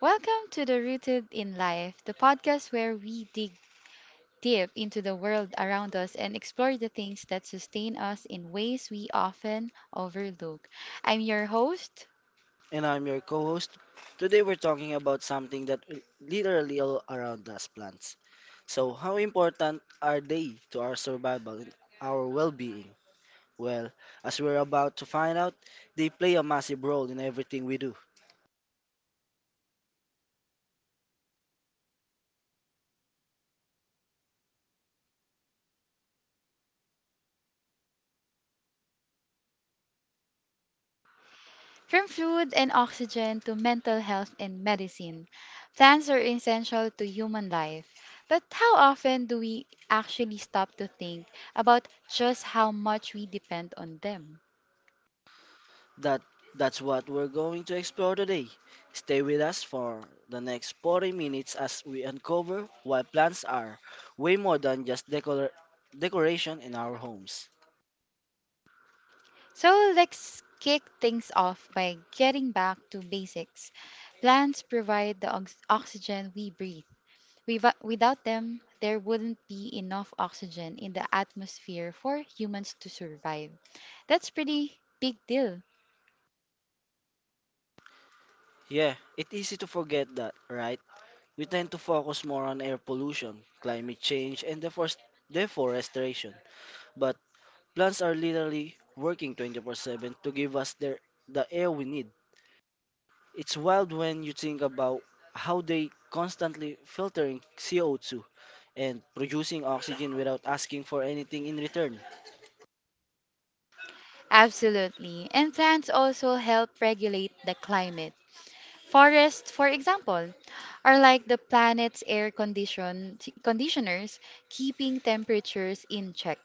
Welcome to the Rooted in Life, the podcast where we dig deep into the world around us and explore the things that sustain us in ways we often overlook. I'm your host. And I'm your co host. Today, we're talking about something that literally all around us plants. So, how important are they to our survival and our well being? Well, as we're about to find out, they play a massive role in everything we do. From food and oxygen to mental health and medicine, plants are essential to human life. But how often do we actually stop to think about just how much we depend on them? That that's what we're going to explore today. Stay with us for the next 40 minutes as we uncover why plants are way more than just decoration in our homes. So let's kick things off by getting back to basics. Plants provide the oxygen we breathe. Without them, there wouldn't be enough oxygen in the atmosphere for humans to survive. That's pretty big deal. Yeah, it's easy to forget that, right? We tend to focus more on air pollution, climate change, and deforestation, but plants are literally working 24/7 to give us the air we need. It's wild when you think about how they constantly filtering CO2 and producing oxygen without asking for anything in return. Absolutely. And plants also help regulate the climate. Forests, for example, are like the planet's air condition conditioners, keeping temperatures in check.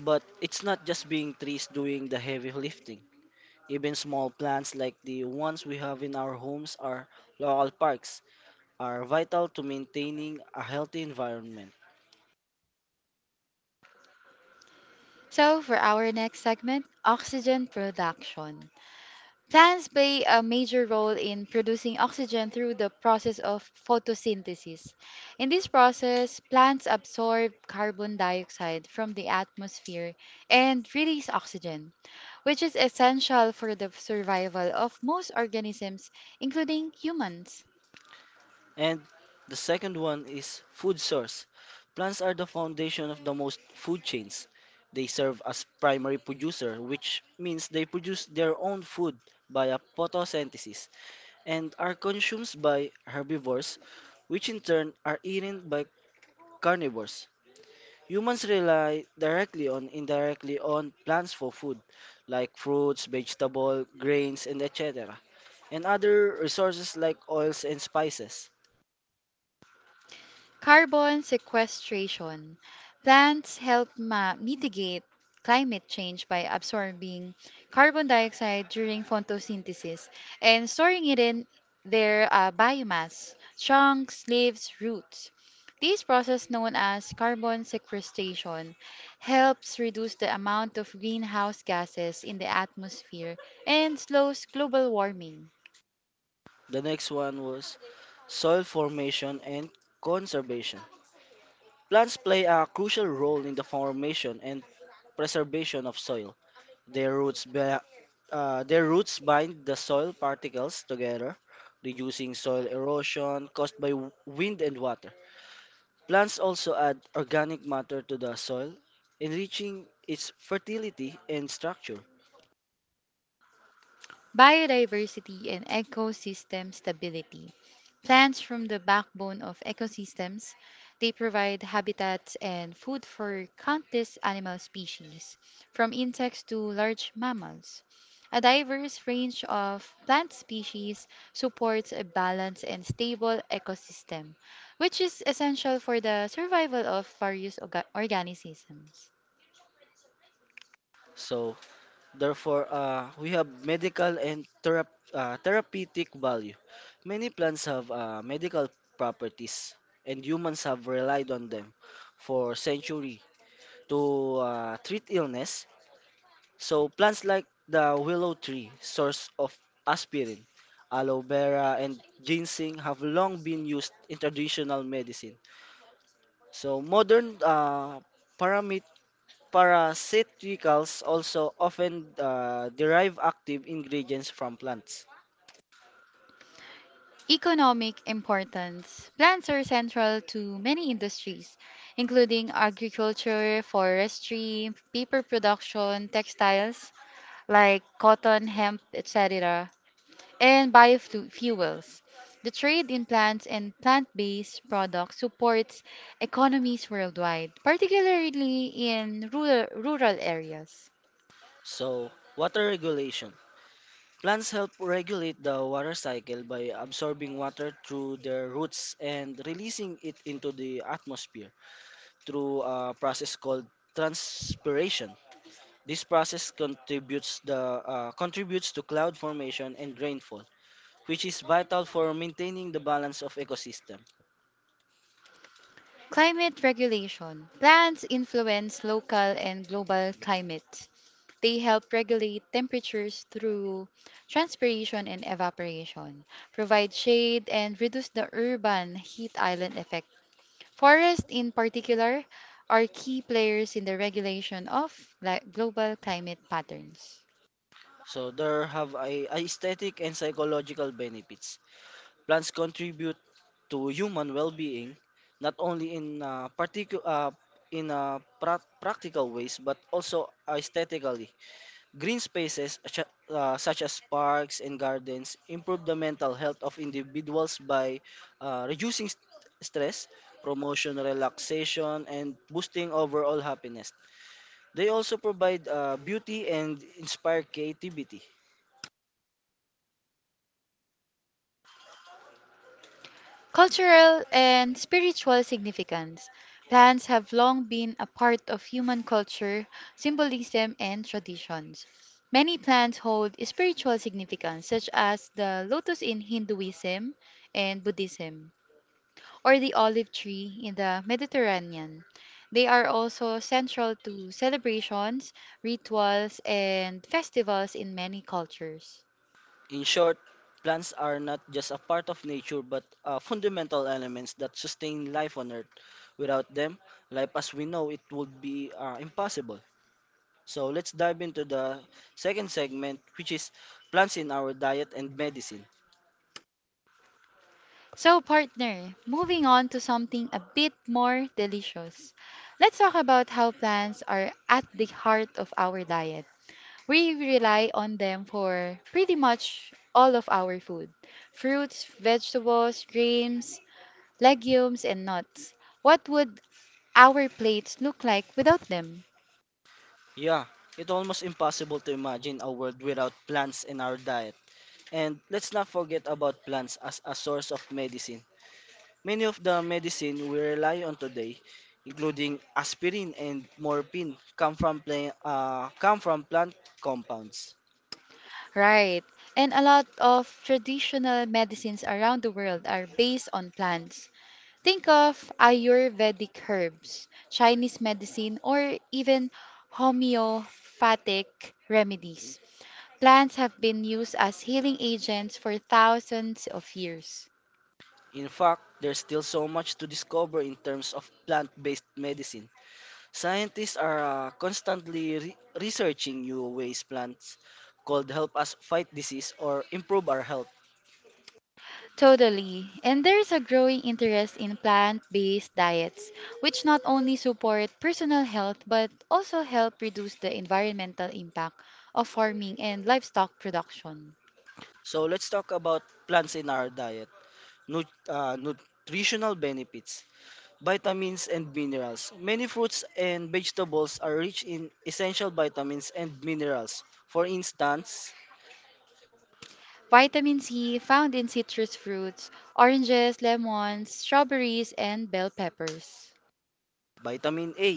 But it's not just being trees doing the heavy lifting. Even small plants like the ones we have in our homes are local parks are vital to maintaining a healthy environment. So, for our next segment, oxygen production. Plants play a major role in producing oxygen through the process of photosynthesis. In this process, plants absorb carbon dioxide from the atmosphere and release oxygen, which is essential for the survival of most organisms, including humans. And the second one is food source. Plants are the foundation of the most food chains. They serve as primary producer, which means they produce their own food via photosynthesis and are consumed by herbivores, which in turn are eaten by carnivores. Humans rely directly on indirectly on plants for food, like fruits, vegetables, grains, and etc. and other resources like oils and spices. Carbon sequestration. Plants help mitigate climate change by absorbing carbon dioxide during photosynthesis and storing it in their biomass, trunks, leaves, roots. This process, known as carbon sequestration, helps reduce the amount of greenhouse gases in the atmosphere and slows global warming. The next one was soil formation and conservation. Plants play a crucial role in the formation and preservation of soil. Their roots, bi- their roots bind the soil particles together, reducing soil erosion caused by wind and water. Plants also add organic matter to the soil, enriching its fertility and structure. Biodiversity and ecosystem stability. Plants from the backbone of ecosystems, they provide habitats and food for countless animal species, from insects to large mammals. A diverse range of plant species supports a balanced and stable ecosystem, which is essential for the survival of various organisms. So, Therefore, we have medical and therapeutic value. Many plants have medical properties, and humans have relied on them for centuries to treat illness. So, plants like the willow tree, source of aspirin, aloe vera, and ginseng have long been used in traditional medicine. So, modern parasiticals also often derive active ingredients from plants. Economic importance. Plants are central to many industries, including agriculture, forestry, paper production, textiles like cotton, hemp, etc., and biofuels. The trade in plants and plant based products supports economies worldwide, particularly in rural areas. So, water regulation. Plants help regulate the water cycle by absorbing water through their roots and releasing it into the atmosphere through a process called transpiration. This process contributes to cloud formation and rainfall, which is vital for maintaining the balance of ecosystem. Climate regulation. Plants influence local and global climate. They help regulate temperatures through transpiration and evaporation, provide shade, and reduce the urban heat island effect. Forests, in particular, are key players in the regulation of global climate patterns. So there have a aesthetic and psychological benefits. Plants contribute to human well-being not only in practical ways but also aesthetically. Green spaces such as parks and gardens improve the mental health of individuals by reducing stress, promotion relaxation and boosting overall happiness. They also provide beauty and inspire creativity. Cultural and spiritual significance. Plants have long been a part of human culture, symbolism, and traditions. Many plants hold spiritual significance, such as the lotus in Hinduism and Buddhism, or the olive tree in the Mediterranean. They are also central to celebrations, rituals, and festivals in many cultures. In short, plants are not just a part of nature but fundamental elements that sustain life on Earth. Without them, life as we know it would be impossible. So let's dive into the second segment, which is plants in our diet and medicine. So, partner, moving on to something a bit more delicious. Let's talk about how plants are at the heart of our diet. We rely on them for pretty much all of our food: fruits, vegetables, grains, legumes, and nuts. What would our plates look like without them? Yeah, it's almost impossible to imagine a world without plants in our diet. And let's not forget about plants as a source of medicine. Many of the medicine we rely on today, including aspirin and morphine, come from plant compounds. Right. And a lot of traditional medicines around the world are based on plants. Think of Ayurvedic herbs, Chinese medicine, or even homeopathic remedies. Plants have been used as healing agents for thousands of years. In fact, there's still so much to discover in terms of plant-based medicine. Scientists are constantly researching new ways plants could help us fight disease or improve our health. Totally. And there's a growing interest in plant based diets, which not only support personal health but also help reduce the environmental impact of farming and livestock production. So let's talk about plants in our diet. Nutritional benefits. Vitamins and minerals. Many fruits and vegetables are rich in essential vitamins and minerals. For instance, Vitamin C found in citrus fruits, oranges, lemons, strawberries, and bell peppers. vitamin A,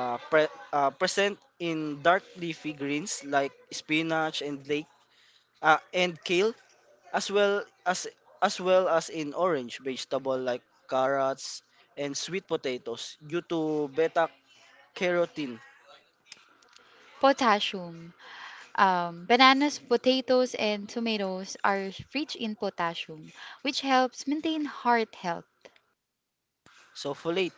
present in dark leafy greens like spinach and lake and kale, as well as as well as in orange vegetable like carrots and sweet potatoes due to beta carotene. Potassium. Bananas, potatoes, and tomatoes are rich in potassium, which helps maintain heart health. Sulfolate,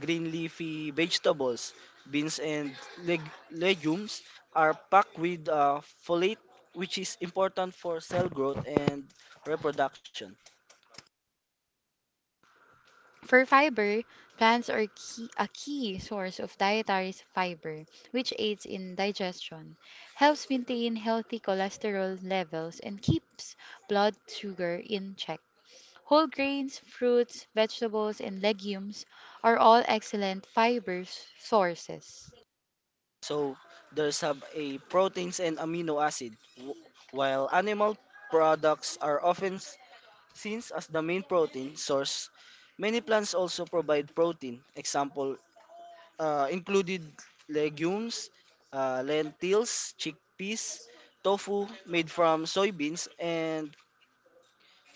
green leafy vegetables, beans and legumes are packed with folate, which is important for cell growth and reproduction. For fiber, plants are key, a key source of dietary fiber, which aids in digestion, helps maintain healthy cholesterol levels, and keeps blood sugar in check. Whole grains, fruits, vegetables, and legumes are all excellent fiber sources. So there's have a proteins and amino acid, while animal products are often seen as the main protein source. Many plants also provide protein. Example included legumes, lentils, chickpeas, tofu made from soybeans, and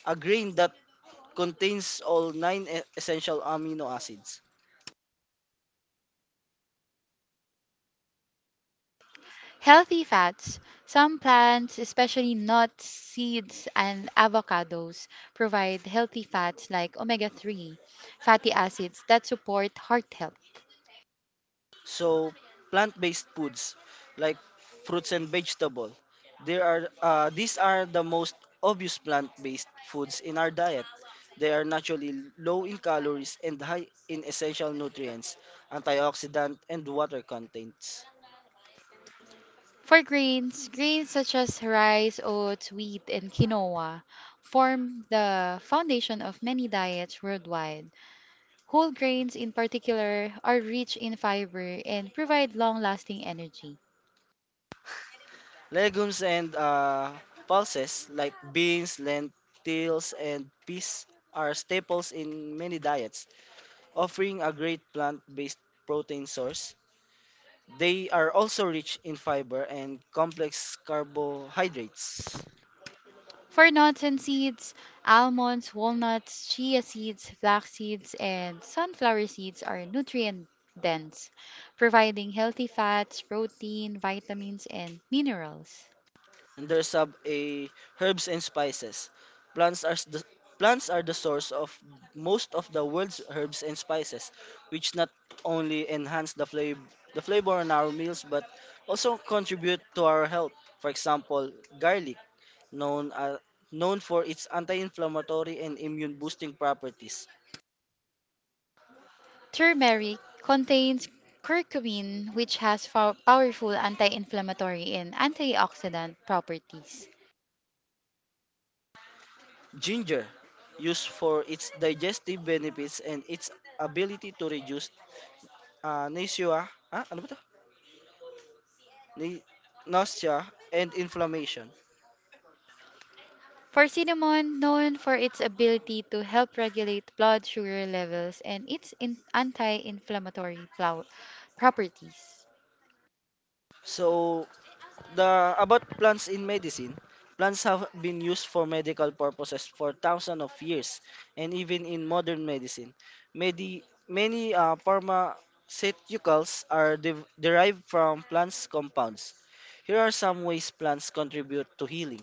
a grain that contains all nine essential amino acids. Healthy fats, some plants, especially nuts, seeds, and avocados, provide healthy fats like omega 3 fatty acids that support heart health. So, plant-based foods like fruits and vegetable. There are these are the most obvious plant-based foods in our diet. They are naturally low in calories and high in essential nutrients, antioxidant, and water contents. For grains, grains such as rice, oats, wheat, and quinoa form the foundation of many diets worldwide. Whole grains, in particular, are rich in fiber and provide long lasting energy. Legumes and pulses like beans, lentils, and peas are staples in many diets, offering a great plant-based protein source. They are also rich in fiber and complex carbohydrates. For nuts and seeds, almonds, walnuts, chia seeds, flax seeds, and sunflower seeds are nutrient dense, providing healthy fats, protein, vitamins, and minerals. And there's a herbs and spices. The plants are the source of most of the world's herbs and spices, which not only enhance the flavor on our meals but also contribute to our health. For example, garlic, known uh, known for its anti-inflammatory and immune boosting properties. Turmeric contains curcumin, which has powerful anti inflammatory and antioxidant properties. Ginger, used for its digestive benefits and its ability to reduce nausea. Ah, ano ba to? nau- nausea, and inflammation. For cinnamon, known for its ability to help regulate blood sugar levels and its anti-inflammatory properties. So, the about plants in medicine, plants have been used for medical purposes for thousands of years, and even in modern medicine, medi, many pharmaceuticals are derived from plants compounds. Here are some ways plants contribute to healing.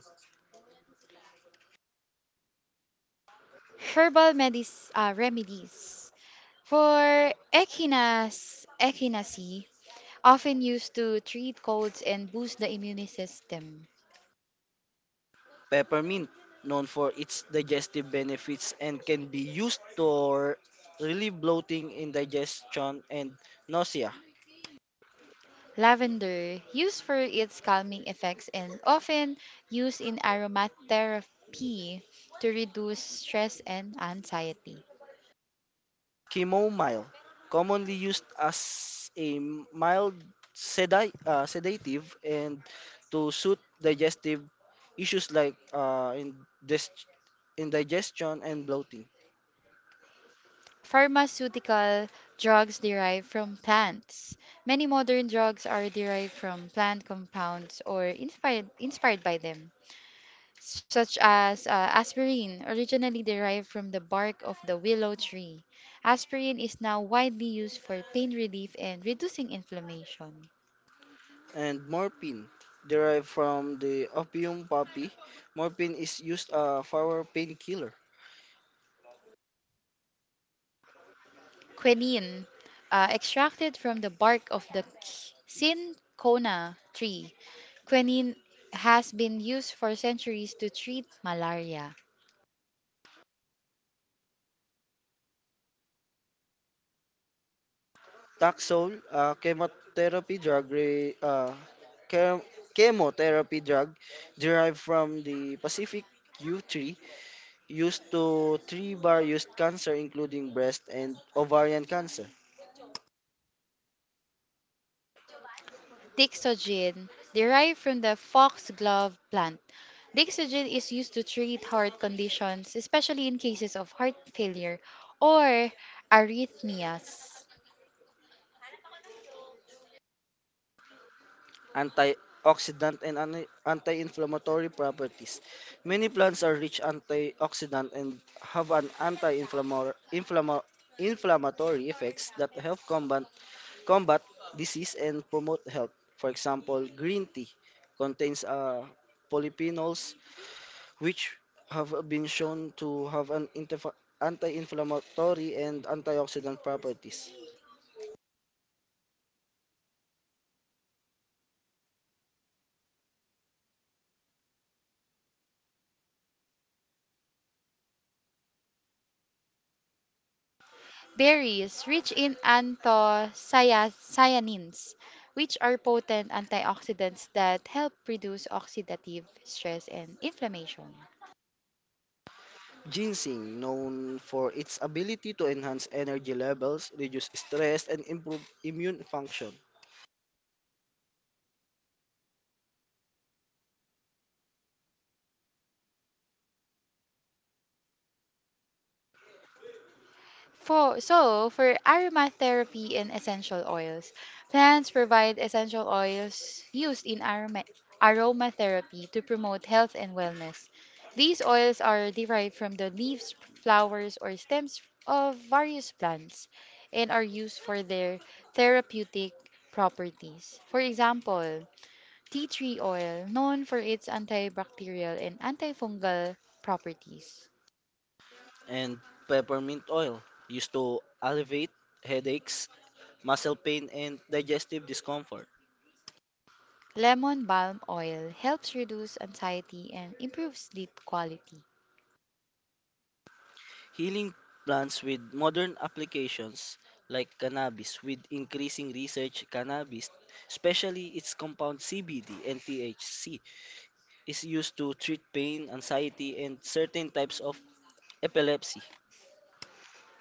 Herbal remedies. For echinacea, Echinaceae, often used to treat colds and boost the immune system. Peppermint, known for its digestive benefits and can be used to relieve bloating, indigestion, and nausea. Lavender, used for its calming effects and often used in aromatherapy to reduce stress and anxiety. Chamomile, commonly used as a mild sedative and to soothe digestive issues like indigestion and bloating. Pharmaceutical drugs derived from plants. Many modern drugs are derived from plant compounds or inspired by them, such as aspirin, originally derived from the bark of the willow tree. Aspirin is now widely used for pain relief and reducing inflammation. And morphine, derived from the opium poppy, morphine is used for painkiller. Quinine, extracted from the bark of the cinchona tree. Quinine has been used for centuries to treat malaria. Taxol, chemotherapy chem- drug derived from the Pacific yew tree used to three various cancer including breast and ovarian cancer. Dixogen, derived from the foxglove plant. Dixogen is used to treat heart conditions, especially in cases of heart failure or arrhythmias. Antioxidant and anti-inflammatory properties, many plants are rich antioxidant and have an anti-inflammatory inflammatory effects that help combat disease and promote health. For example, green tea contains polyphenols which have been shown to have an anti-inflammatory and antioxidant properties. Berries rich in anthocyanins, which are potent antioxidants that help reduce oxidative stress and inflammation. Ginseng, known for its ability to enhance energy levels, reduce stress, and improve immune function. For so for aromatherapy and essential oils, plants provide essential oils used in aromatherapy to promote health and wellness. These oils are derived from the leaves, flowers, or stems of various plants and are used for their therapeutic properties. For example, tea tree oil, known for its antibacterial and antifungal properties. And peppermint oil, used to alleviate headaches, muscle pain, and digestive discomfort. Lemon balm oil helps reduce anxiety and improves sleep quality. Healing plants with modern applications like cannabis, with increasing research, cannabis, especially its compound CBD and THC, is used to treat pain, anxiety, and certain types of epilepsy.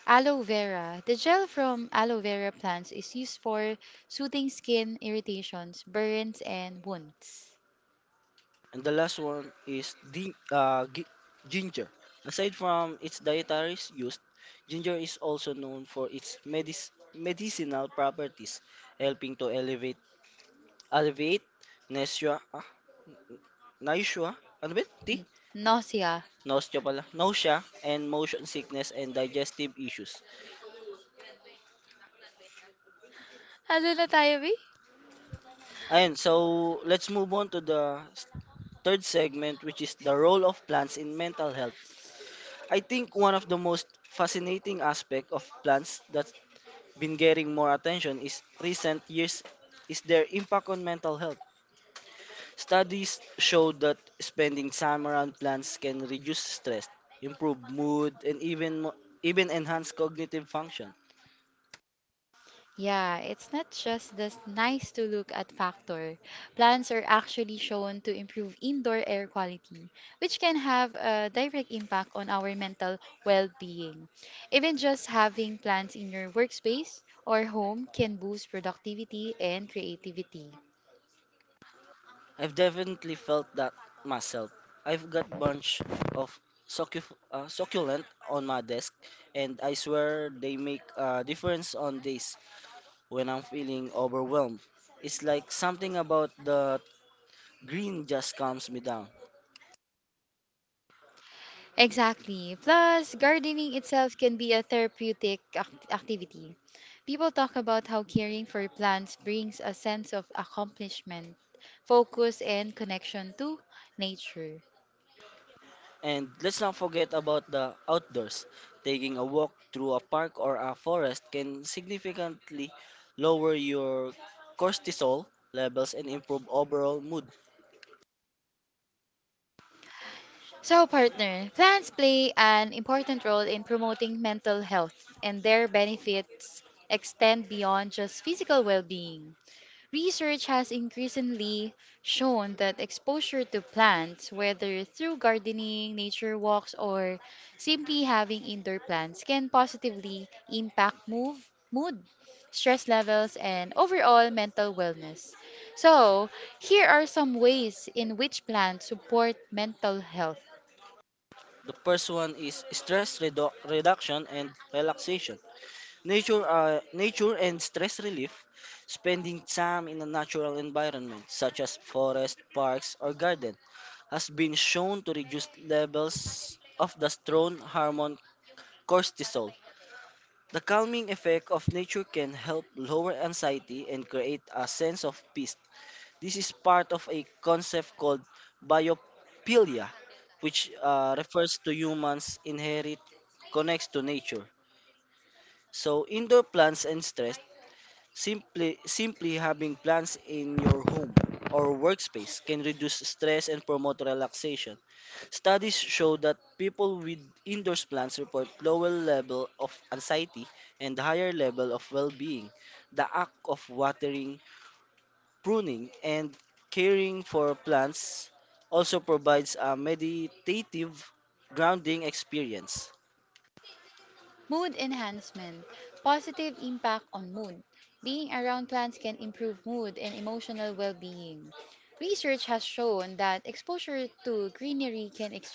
Aloe vera. The gel from aloe vera plants is used for soothing skin irritations, burns, and wounds. And the last one is ginger. Aside from its dietary use, ginger is also known for its medicinal properties, helping to elevate alleviate nausea, ah, nausea, ano ba? Yun? Di? Mm. Nausea. Nausea pala. Nausea and motion sickness and digestive issues. Ano na tayo, B? Ayun, so let's move on to the third segment which is the role of plants in mental health. I think one of the most fascinating aspect of plants that been getting more attention is recent years is their impact on mental health. Studies show that spending time around plants can reduce stress, improve mood, and even enhance cognitive function. Yeah, it's not just this nice to look at factor. Plants are actually shown to improve indoor air quality, which can have a direct impact on our mental well being. Even just having plants in your workspace or home can boost productivity and creativity. I've definitely felt that myself. I've got bunch of succulent on my desk, and I swear they make a difference on days when I'm feeling overwhelmed. It's like something about the green just calms me down. Exactly. Plus, gardening itself can be a therapeutic activity. People talk about how caring for plants brings a sense of accomplishment, focus, and connection to nature. And let's not forget about the outdoors. Taking a walk through a park or a forest can significantly lower your cortisol levels and improve overall mood. So, partner, plants play an important role in promoting mental health, and their benefits extend beyond just physical well being. Research has increasingly shown that exposure to plants, whether through gardening, nature walks, or simply having indoor plants, can positively impact mood, stress levels, and overall mental wellness. So, here are some ways in which plants support mental health. The first one is stress reduction and relaxation. Nature and stress relief. Spending time in a natural environment, such as forest, parks, or garden, has been shown to reduce levels of the stress hormone cortisol. The calming effect of nature can help lower anxiety and create a sense of peace. This is part of a concept called biophilia, which refers to humans' inherent connects to nature. So, indoor plants and stress, simply having plants in your home or workspace can reduce stress and promote relaxation. Studies show that people with indoor plants report lower level of anxiety and higher level of well-being. The act of watering, pruning, and caring for plants also provides a meditative grounding experience. Mood enhancement, positive impact on mood. Being around plants can improve mood and emotional well being. Research has shown that exposure to greenery can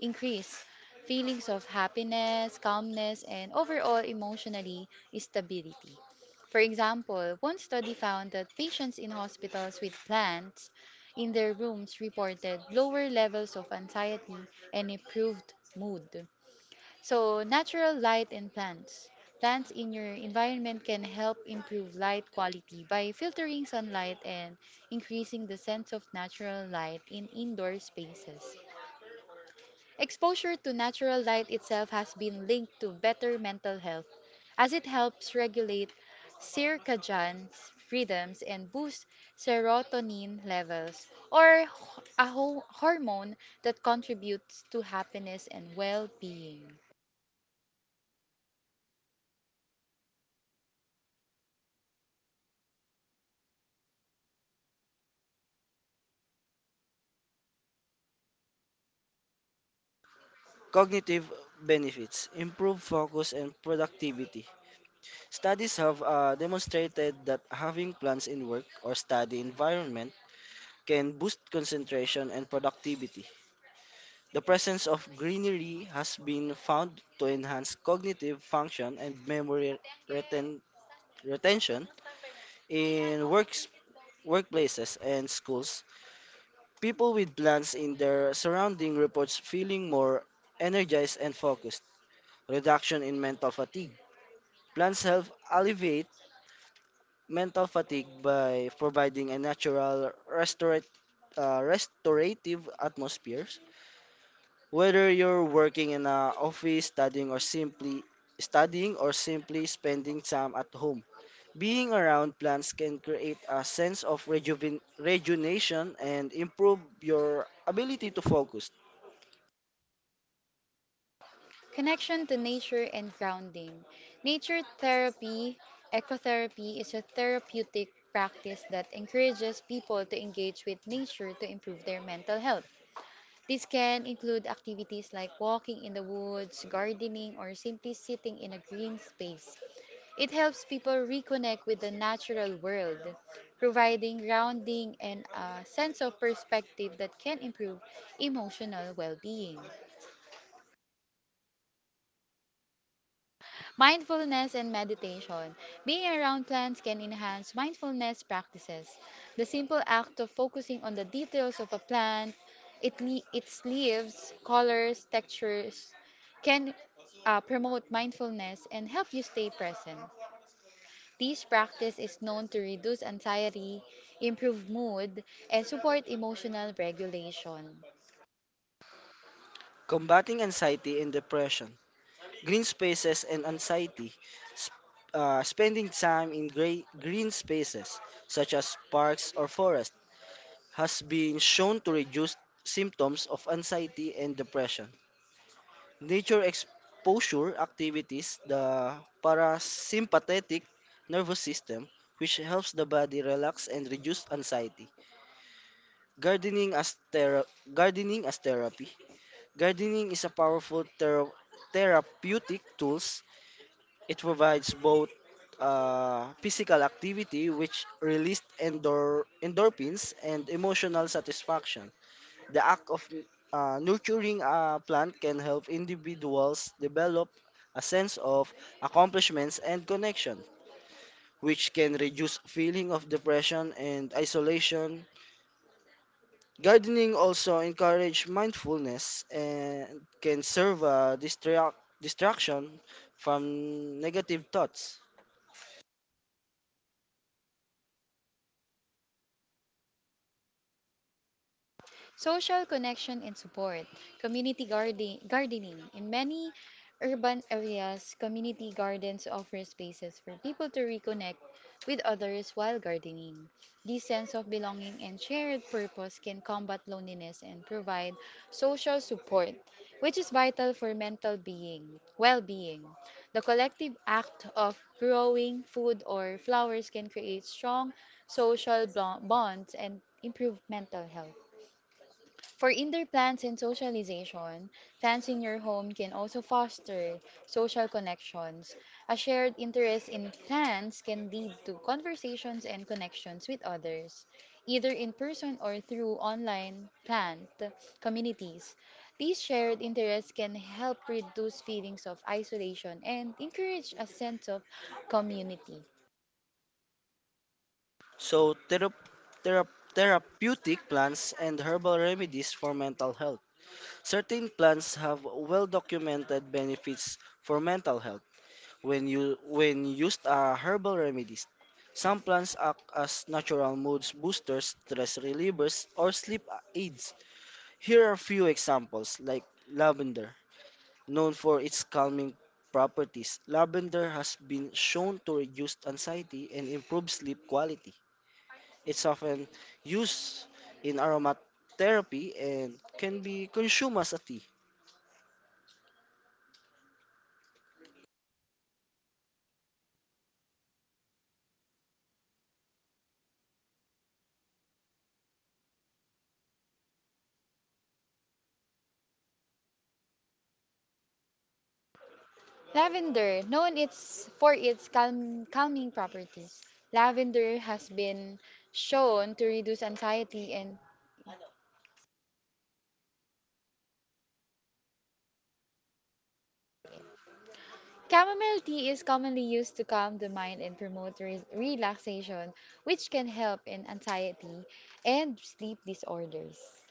increase feelings of happiness, calmness, and overall emotionally stability. For example, one study found that patients in hospitals with plants in their rooms reported lower levels of anxiety and improved mood. So, natural light in plants. Plants in your environment can help improve light quality by filtering sunlight and increasing the sense of natural light in indoor spaces. Exposure to natural light itself has been linked to better mental health as it helps regulate circadian rhythms and boost serotonin levels or a hormone that contributes to happiness and well-being. Cognitive benefits improve focus and productivity. Studies have demonstrated that having plants in work or study environment can boost concentration and productivity. The presence of greenery has been found to enhance cognitive function and memory reten- retention in works workplaces and schools. People with plants in their surrounding reports feeling more energized and focused. Reduction in mental fatigue. Plants help alleviate mental fatigue by providing a natural restorat- restorative atmosphere. Whether you're working in an office, studying or simply spending time at home, being around plants can create a sense of rejuvenation and improve your ability to focus. Connection to nature and grounding. Nature therapy, ecotherapy, is a therapeutic practice that encourages people to engage with nature to improve their mental health. This can include activities like walking in the woods, gardening, or simply sitting in a green space. It helps people reconnect with the natural world, providing grounding and a sense of perspective that can improve emotional well being. Mindfulness and meditation. Being around plants can enhance mindfulness practices. The simple act of focusing on the details of a plant, its leaves, colors, textures, can promote mindfulness and help you stay present. This practice is known to reduce anxiety, improve mood, and support emotional regulation. Combating anxiety and depression, green spaces and anxiety, sp- spending time in green spaces such as parks or forests has been shown to reduce symptoms of anxiety and depression. Nature exposure activities the parasympathetic nervous system, which helps the body relax and reduce anxiety. Gardening as thera- gardening as therapy. Gardening is a powerful therapeutic tools. It provides both physical activity, which released endorphins, and emotional satisfaction. The act of nurturing a plant can help individuals develop a sense of accomplishments and connection, which can reduce feeling of depression and isolation. Gardening also encourage mindfulness and can serve a distraction from negative thoughts. Social connection and support, community garden, gardening. In many urban areas, community gardens offer spaces for people to reconnect with others while gardening. This sense of belonging and shared purpose can combat loneliness and provide social support, which is vital for well-being. The collective act of growing food or flowers can create strong social bonds and improve mental health. For indoor plants and socialization, plants in your home can also foster social connections. A shared interest in plants can lead to conversations and connections with others, either in person or through online plant communities. These shared interests can help reduce feelings of isolation and encourage a sense of community. So, thera- therapeutic plants and herbal remedies for mental health. Certain plants have well-documented benefits for mental health when used as herbal remedies. Some plants act as natural mood boosters, stress relievers, or sleep aids. Here are few examples like lavender, known for its calming properties. Lavender has been shown to reduce anxiety and improve sleep quality. It's often used in aromatherapy and can be consumed as a tea. Lavender, known its for its calming properties, lavender has been shown to reduce anxiety, and chamomile tea is commonly used to calm the mind and promote relaxation, which can help in anxiety and sleep disorders.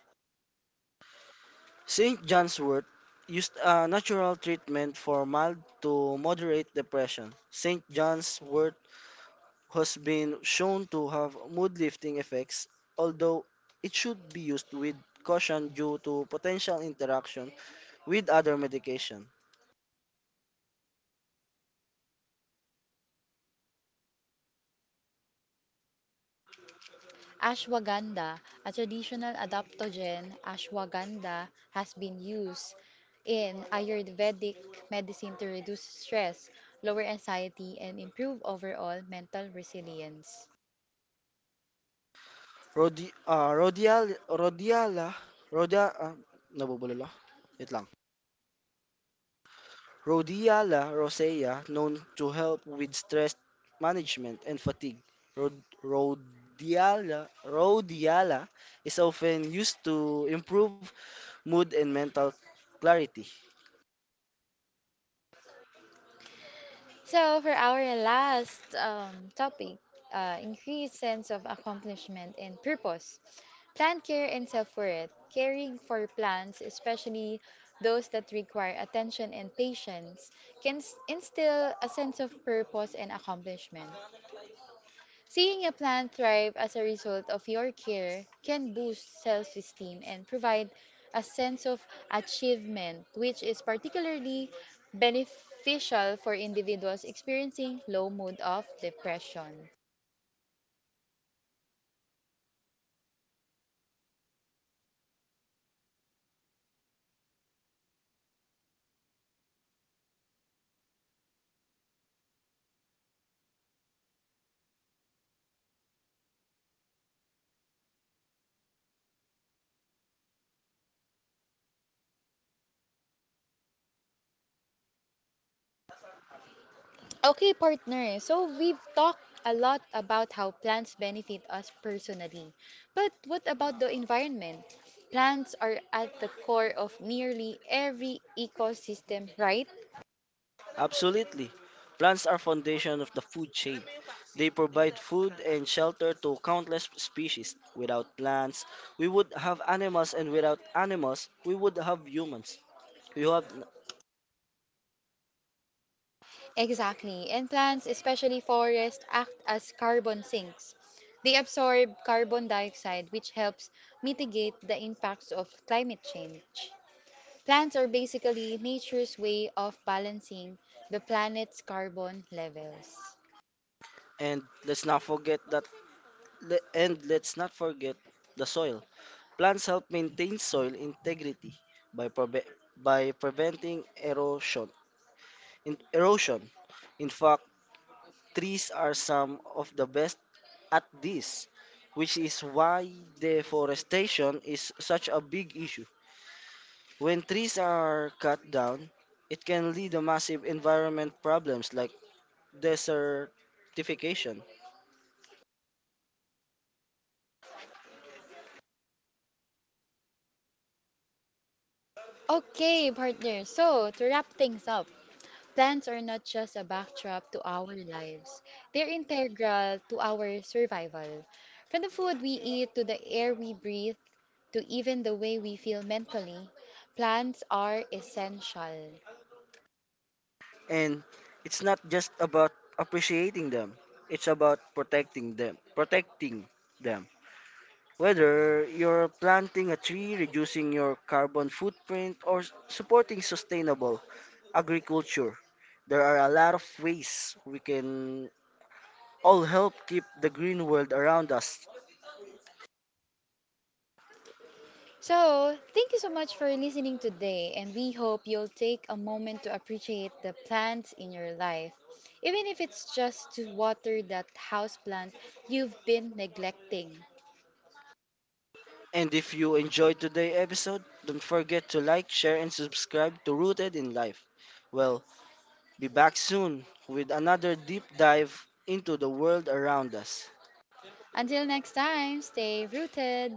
St. John's wort used a natural treatment for mild to moderate depression. St. John's wort has been shown to have mood-lifting effects, although it should be used with caution due to potential interaction with other medication. Ashwagandha, a traditional adaptogen, ashwagandha has been used in Ayurvedic medicine to reduce stress, lower anxiety, and improve overall mental resilience. Rodi, rhodial, rhodiala, rhodia, ah, nabubulol ako. Wait lang. Rhodiola rosea known to help with stress management and fatigue. Rhodiola is often used to improve mood and mental clarity. So, for our last topic, increased sense of accomplishment and purpose. Plant care and self worth. Caring for plants, especially those that require attention and patience, can instill a sense of purpose and accomplishment. Seeing a plant thrive as a result of your care can boost self esteem and provide a sense of achievement, which is particularly beneficial for individuals experiencing low mood of depression. Okay, partner. So we've talked a lot about how plants benefit us personally. But what about the environment? Plants are at the core of nearly every ecosystem, right? Absolutely. Plants are foundation of the food chain. They provide food and shelter to countless species. Without plants, we would have animals and without animals, we would have humans. You have Exactly. And plants, especially forests, act as carbon sinks. They absorb carbon dioxide, which helps mitigate the impacts of climate change. Plants are basically nature's way of balancing the planet's carbon levels. and let's not forget that and let's not forget the soil. Plants help maintain soil integrity by prove- by preventing erosion. Erosion. In fact, trees are some of the best at this, which is why deforestation is such a big issue. When trees are cut down, it can lead to massive environment problems like desertification. Okay, partners. So, to wrap things up, plants are not just a backdrop to our lives, they're integral to our survival. From the food we eat to the air we breathe to even the way we feel mentally, plants are essential. And it's not just about appreciating them, it's about protecting them, protecting them. Whether you're planting a tree, reducing your carbon footprint, or supporting sustainable agriculture, there are a lot of ways we can all help keep the green world around us. So, thank you so much for listening today, and we hope you'll take a moment to appreciate the plants in your life, even if it's just to water that houseplant you've been neglecting. And if you enjoyed today's episode, don't forget to like, share, and subscribe to Rooted in Life. Well, be back soon with another deep dive into the world around us. Until next time, stay rooted.